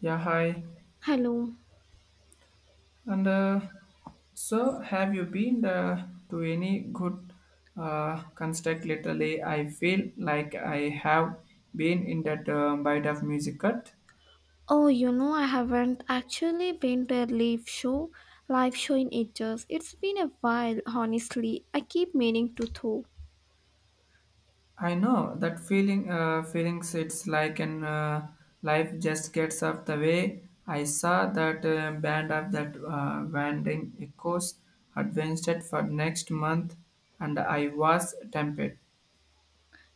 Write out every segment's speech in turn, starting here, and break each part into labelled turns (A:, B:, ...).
A: Yeah, hi.
B: Hello.
A: And so, have you been to any good construct lately? I feel like I have been in that bite of music cut.
B: Oh, you know, I haven't actually been to a live show in ages. It's been a while, honestly. I keep meaning to though.
A: I know that feeling. Feelings. It's like an life just gets off the way. I saw that band of that Wandering Echoes advanced it for next month, and I was tempted.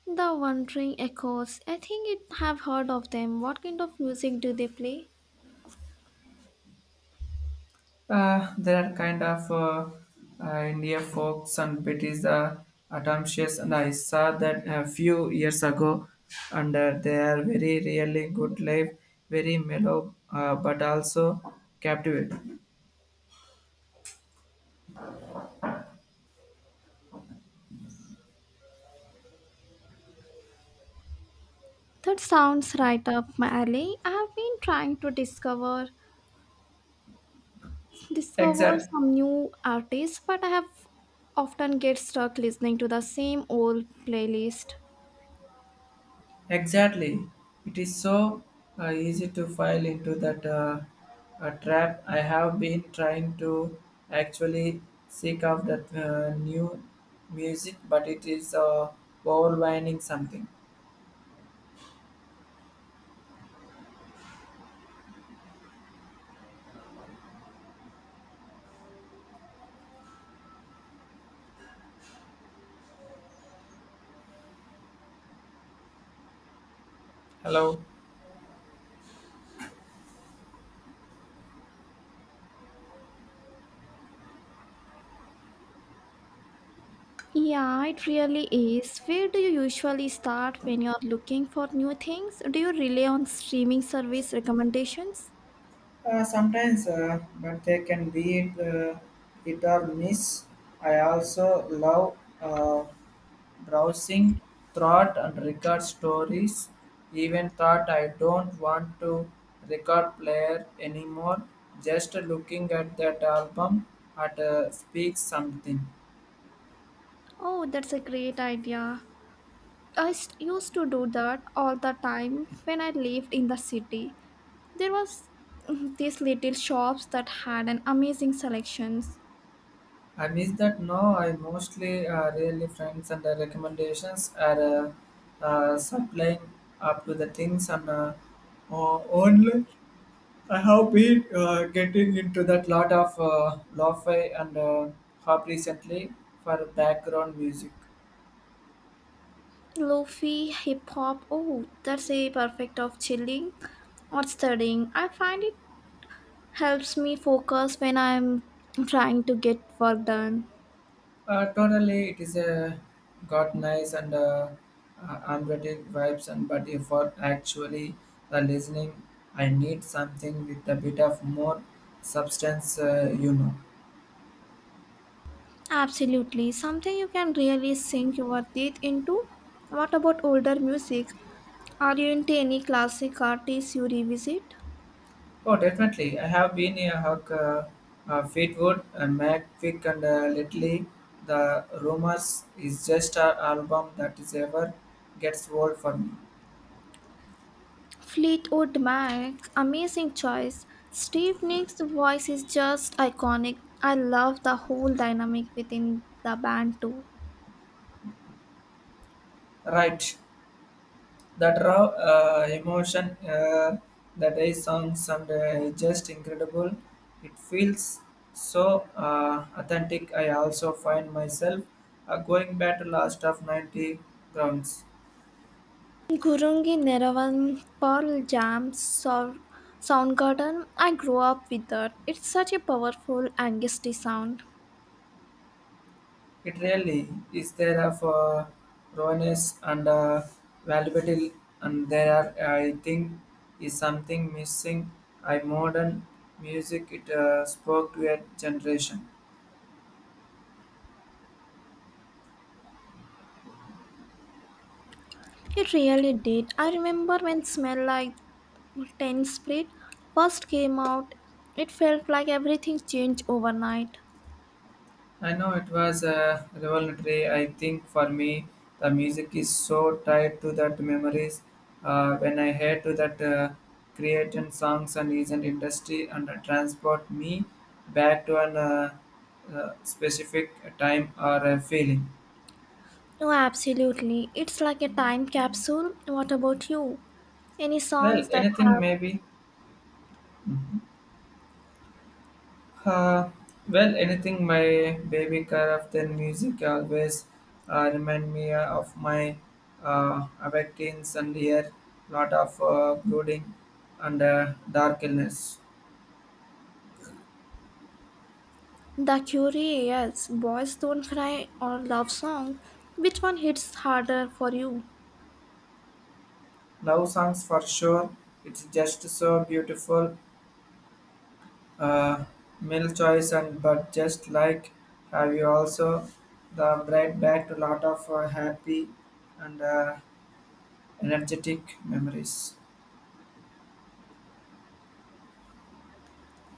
B: The Wandering Echoes. I think I have heard of them. What kind of music do they play?
A: There are kind of India folks and it is Atomsius and I saw that a few years ago and they are very really good life, very mellow but also captivating.
B: That sounds right up my alley. I have been trying to discover
A: Exact,
B: some new artists, but I have often get stuck listening to the same old playlist.
A: exactly. It is so easy to fall into that trap. I have been trying to actually seek out that new music but it is overwhelming something. Hello.
B: Yeah, it really is. Where do you usually start when you're looking for new things? Do you rely on streaming service recommendations?
A: Sometimes, but they can be it, hit or miss. I also love browsing thought and record stories. Even thought I don't want to record player anymore. Just looking at that album at speaks something.
B: Oh, that's a great idea. Used to do that all the time when I lived in the city. There was these little shops that had an amazing selections.
A: I miss that now. I mostly really friends and recommendations are supplying up to the things and only I have been getting into that lot of lo-fi and hop recently for background music.
B: Lofi, hip hop. Oh, that's a perfect of chilling or studying. I find it helps me focus when I'm trying to get work done.
A: Totally, it is a got nice and ambient vibes, and but if for actually the listening, I need something with a bit of more substance, you know.
B: Absolutely, something you can really sink your teeth into. What about older music? Are you into any classic artists you revisit?
A: Oh, definitely, I have been a hug, Fleetwood, Mac, Vic, and lately the rumors is just an album that is ever gets old for me,
B: Fleetwood Mac, amazing choice. Steve Nicks' voice is just iconic. I love the whole dynamic within the band too.
A: right? That raw emotion, that I songs and just incredible. It feels so authentic. I also find myself going back to last of 90 rounds.
B: Gurungi Neravan, Pearl Jam, Soundgarden, I grew up with that. It's such a powerful, angsty sound.
A: It really is there of rawness and validity and there are, I think is something missing. I modern music it spoke to a generation.
B: It really did. I remember when Smell Like 10 Spirit first came out, it felt like everything changed overnight.
A: I know it was revolutionary. I think for me, the music is so tied to that memories. When I head to that creating songs and is an industry and transport me back to an specific time or a feeling.
B: Oh, absolutely. It's like a time capsule. What about you? Any
A: Well,
B: songs that
A: anything
B: have
A: maybe. Hmm. Uh, well, anything my baby craft and music always remind me of my awakenings and here lot of brooding and dark illness.
B: the curious Boys Don't Cry or Love Song? Which one hits harder for you?
A: Love songs for sure. It's just so beautiful. Uh, male choice and but just like have you also the bright back to lot of happy and energetic memories.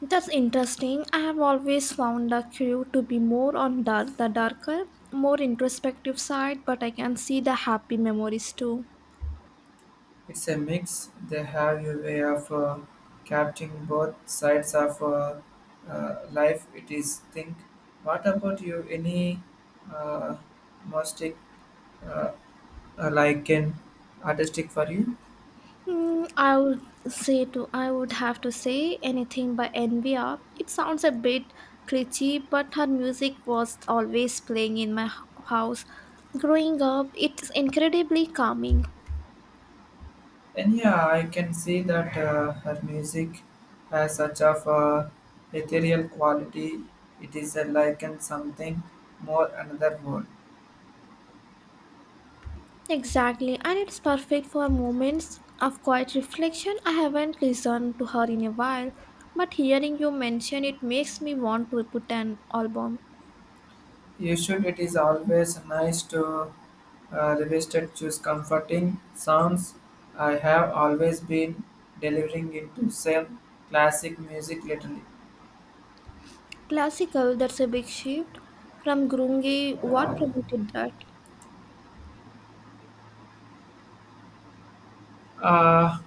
B: That's interesting. I have always found the crew to be more on dark, the darker, more introspective side, but I can see the happy memories too.
A: It's a mix. They have a way of capturing both sides of life. It is think. What about you? Any uh, artistic, uh, like an artistic for you?
B: Hmm, I would have to say anything by NVR. It sounds a bit cliche, but her music was always playing in my house. Growing up, it's incredibly calming.
A: And yeah, I can see that her music has such of a ethereal quality. It is a like and something more another world.
B: Exactly, and it's perfect for moments of quiet reflection. I haven't listened to her in a while, but hearing you mention it makes me want to put an album.
A: You should. It is always nice to revisit choose comforting sounds. I have always been delivering into same classic music lately.
B: Classical, that's a big shift from grunge. What promoted that?
A: Uh,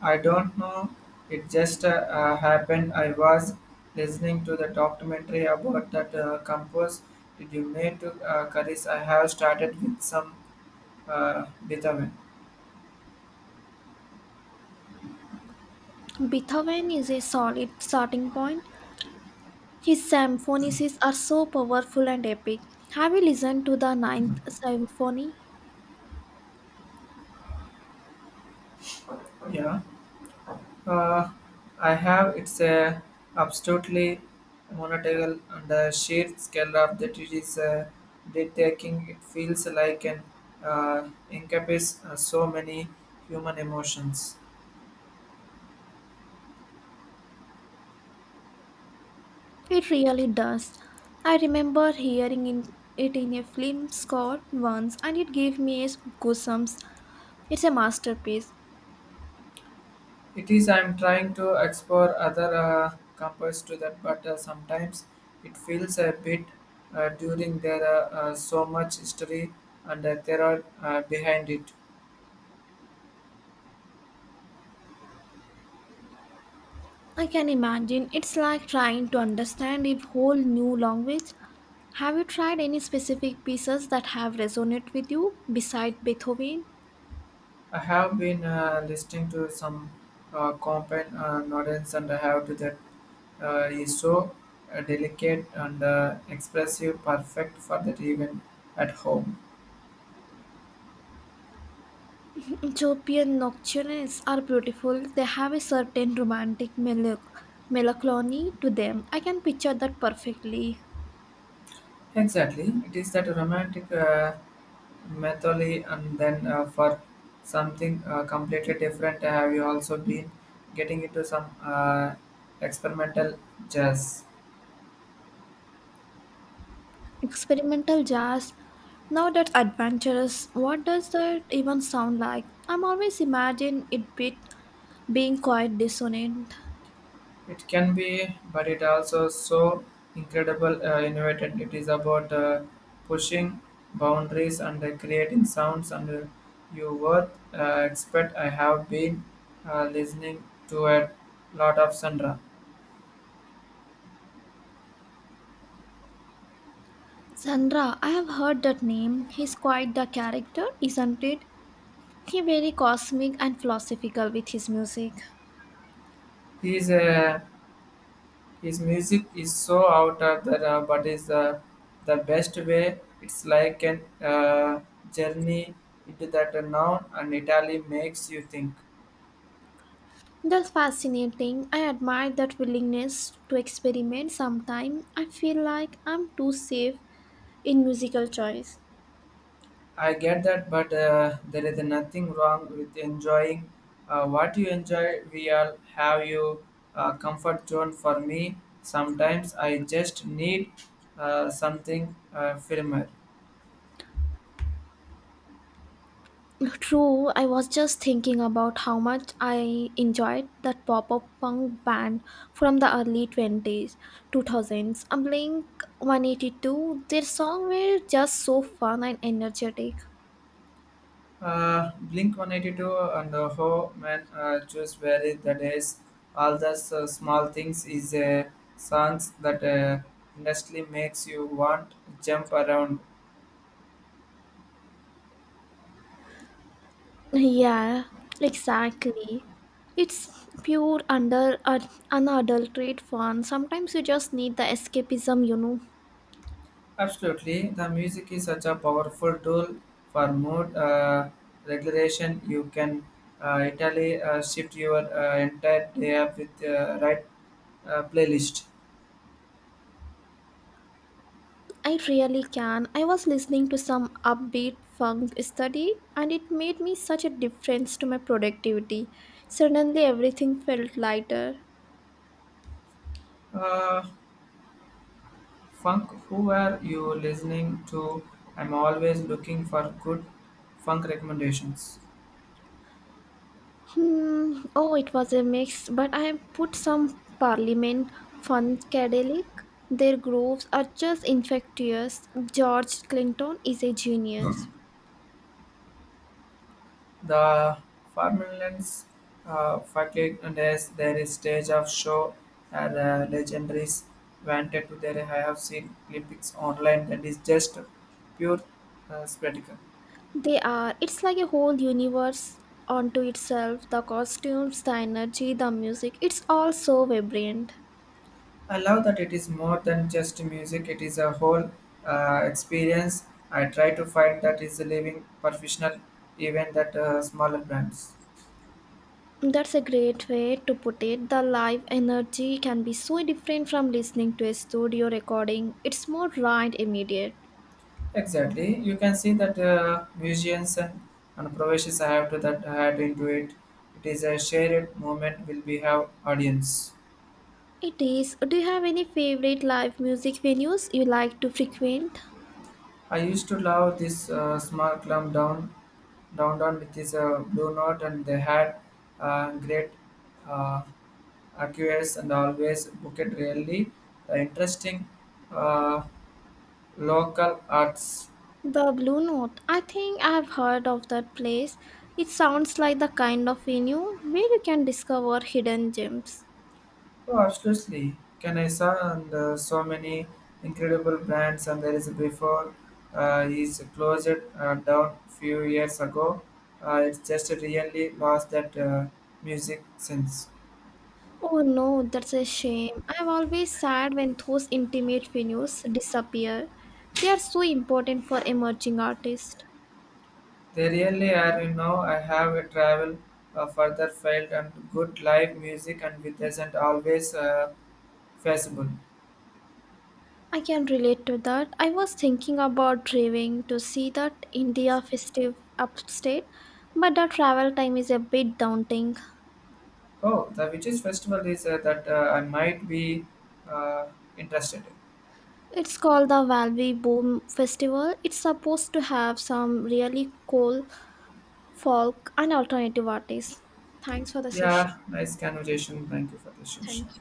A: I don't know. It just happened. I was listening to the documentary about that compose. Did you make to Karis? I have started with some Beethoven.
B: Beethoven is a solid starting point. His symphonies are so powerful and epic. Have you listened to the Ninth Symphony?
A: Yeah. Uh, I have. It's a absolutely monotonical, and the sheer scale of that it is breathtaking. It feels like an encompasses so many human emotions.
B: It really does. I remember hearing in a film score once and it gave me goosebumps. It's a masterpiece.
A: It is. I'm trying to explore other compares to that, but sometimes it feels a bit during there are so much history and there are behind it.
B: I can imagine it's like trying to understand a whole new language. Have you tried any specific pieces that have resonated with you beside Beethoven?
A: I have been listening to some compound noddings and I have to that is so delicate and expressive, perfect for that even at home.
B: Ethiopian nocturnes are beautiful. They have a certain romantic melancholy to them. I can picture that perfectly.
A: Exactly, it is that romantic method and then for something completely different, have you also been getting into some experimental jazz?
B: Experimental jazz. Now that's adventurous. What does that even sound like? I'm always imagine it bit being quite dissonant.
A: It can be, but it also so incredible innovative. It is about pushing boundaries and creating sounds and you were expert. I have been listening to a lot of Sandra.
B: Sandra, I have heard that name. He's quite the character, isn't it? He very cosmic and philosophical with his music.
A: His uh, his music is so out of that, but is the best way. It's like an journey into that now and Italy makes you think.
B: That's fascinating. I admire that willingness to experiment. Sometimes I feel like I'm too safe in musical choice.
A: I get that, but there is nothing wrong with enjoying what you enjoy. We all have you comfort zone. For me, sometimes I just need something firmer.
B: True, I was just thinking about how much I enjoyed that pop-up punk band from the early 2000s. Blink 182, their songs were just so fun and energetic.
A: Blink 182 and the whole man choose very the days. All the small things is songs that honestly makes you want jump around.
B: Yeah, exactly. It's pure under unadulterated fun. Sometimes you just need the escapism, you know.
A: Absolutely, the music is such a powerful tool for mood regulation. You can entirely shift your entire day up with the right playlist.
B: I really can. I was listening to some upbeat funk study and it made me such a difference to my productivity. Suddenly everything felt lighter.
A: Uh, funk, who are you listening to? I'm always looking for good funk recommendations.
B: Hmm. Oh, it was a mix, but I put some Parliament Funkadelic. Their grooves are just infectious. George Clinton is a genius.
A: The Formulans faculty as their stage of show are legendaries wanted to their I have seen Olympics online that is just pure spectacle.
B: They are. It's like a whole universe onto itself. The costumes, the energy, the music. It's all so vibrant.
A: I love that it is more than just music, it is a whole experience. I try to find that is a living professional event that smaller brands.
B: That's a great way to put it. The live energy can be so different from listening to a studio recording. It's more raw and immediate.
A: Exactly. You can see that musicians and professionals have to that had into it. It is a shared moment will we have audience.
B: It is. Do you have any favorite live music venues you like to frequent?
A: I used to love this small club down with this blue note and they had great uh, acquires and always booked really the interesting uh, local arts.
B: The Blue Note. I think I have heard of that place. It sounds like the kind of venue where you can discover hidden gems.
A: Oh, absolutely. Can I saw and so many incredible brands and there is a before is closed down few years ago. It's just really lost that music sense.
B: Oh no, that's a shame. I'm always sad when those intimate venues disappear. They are so important for emerging artists.
A: They really are, you know, I have a travel further failed and good live music and with isn't always feasible.
B: I can relate to that. I was thinking about driving to see that India festive upstate, but the travel time is a bit daunting.
A: Oh, the Witches Festival is that I might be uh, interested in.
B: It's called the Valvi Boom Festival. It's supposed to have some really cool folk and alternative artists. Thanks for the session.
A: Yeah, nice conversation. Thank you for the
B: Thank
A: session.
B: you.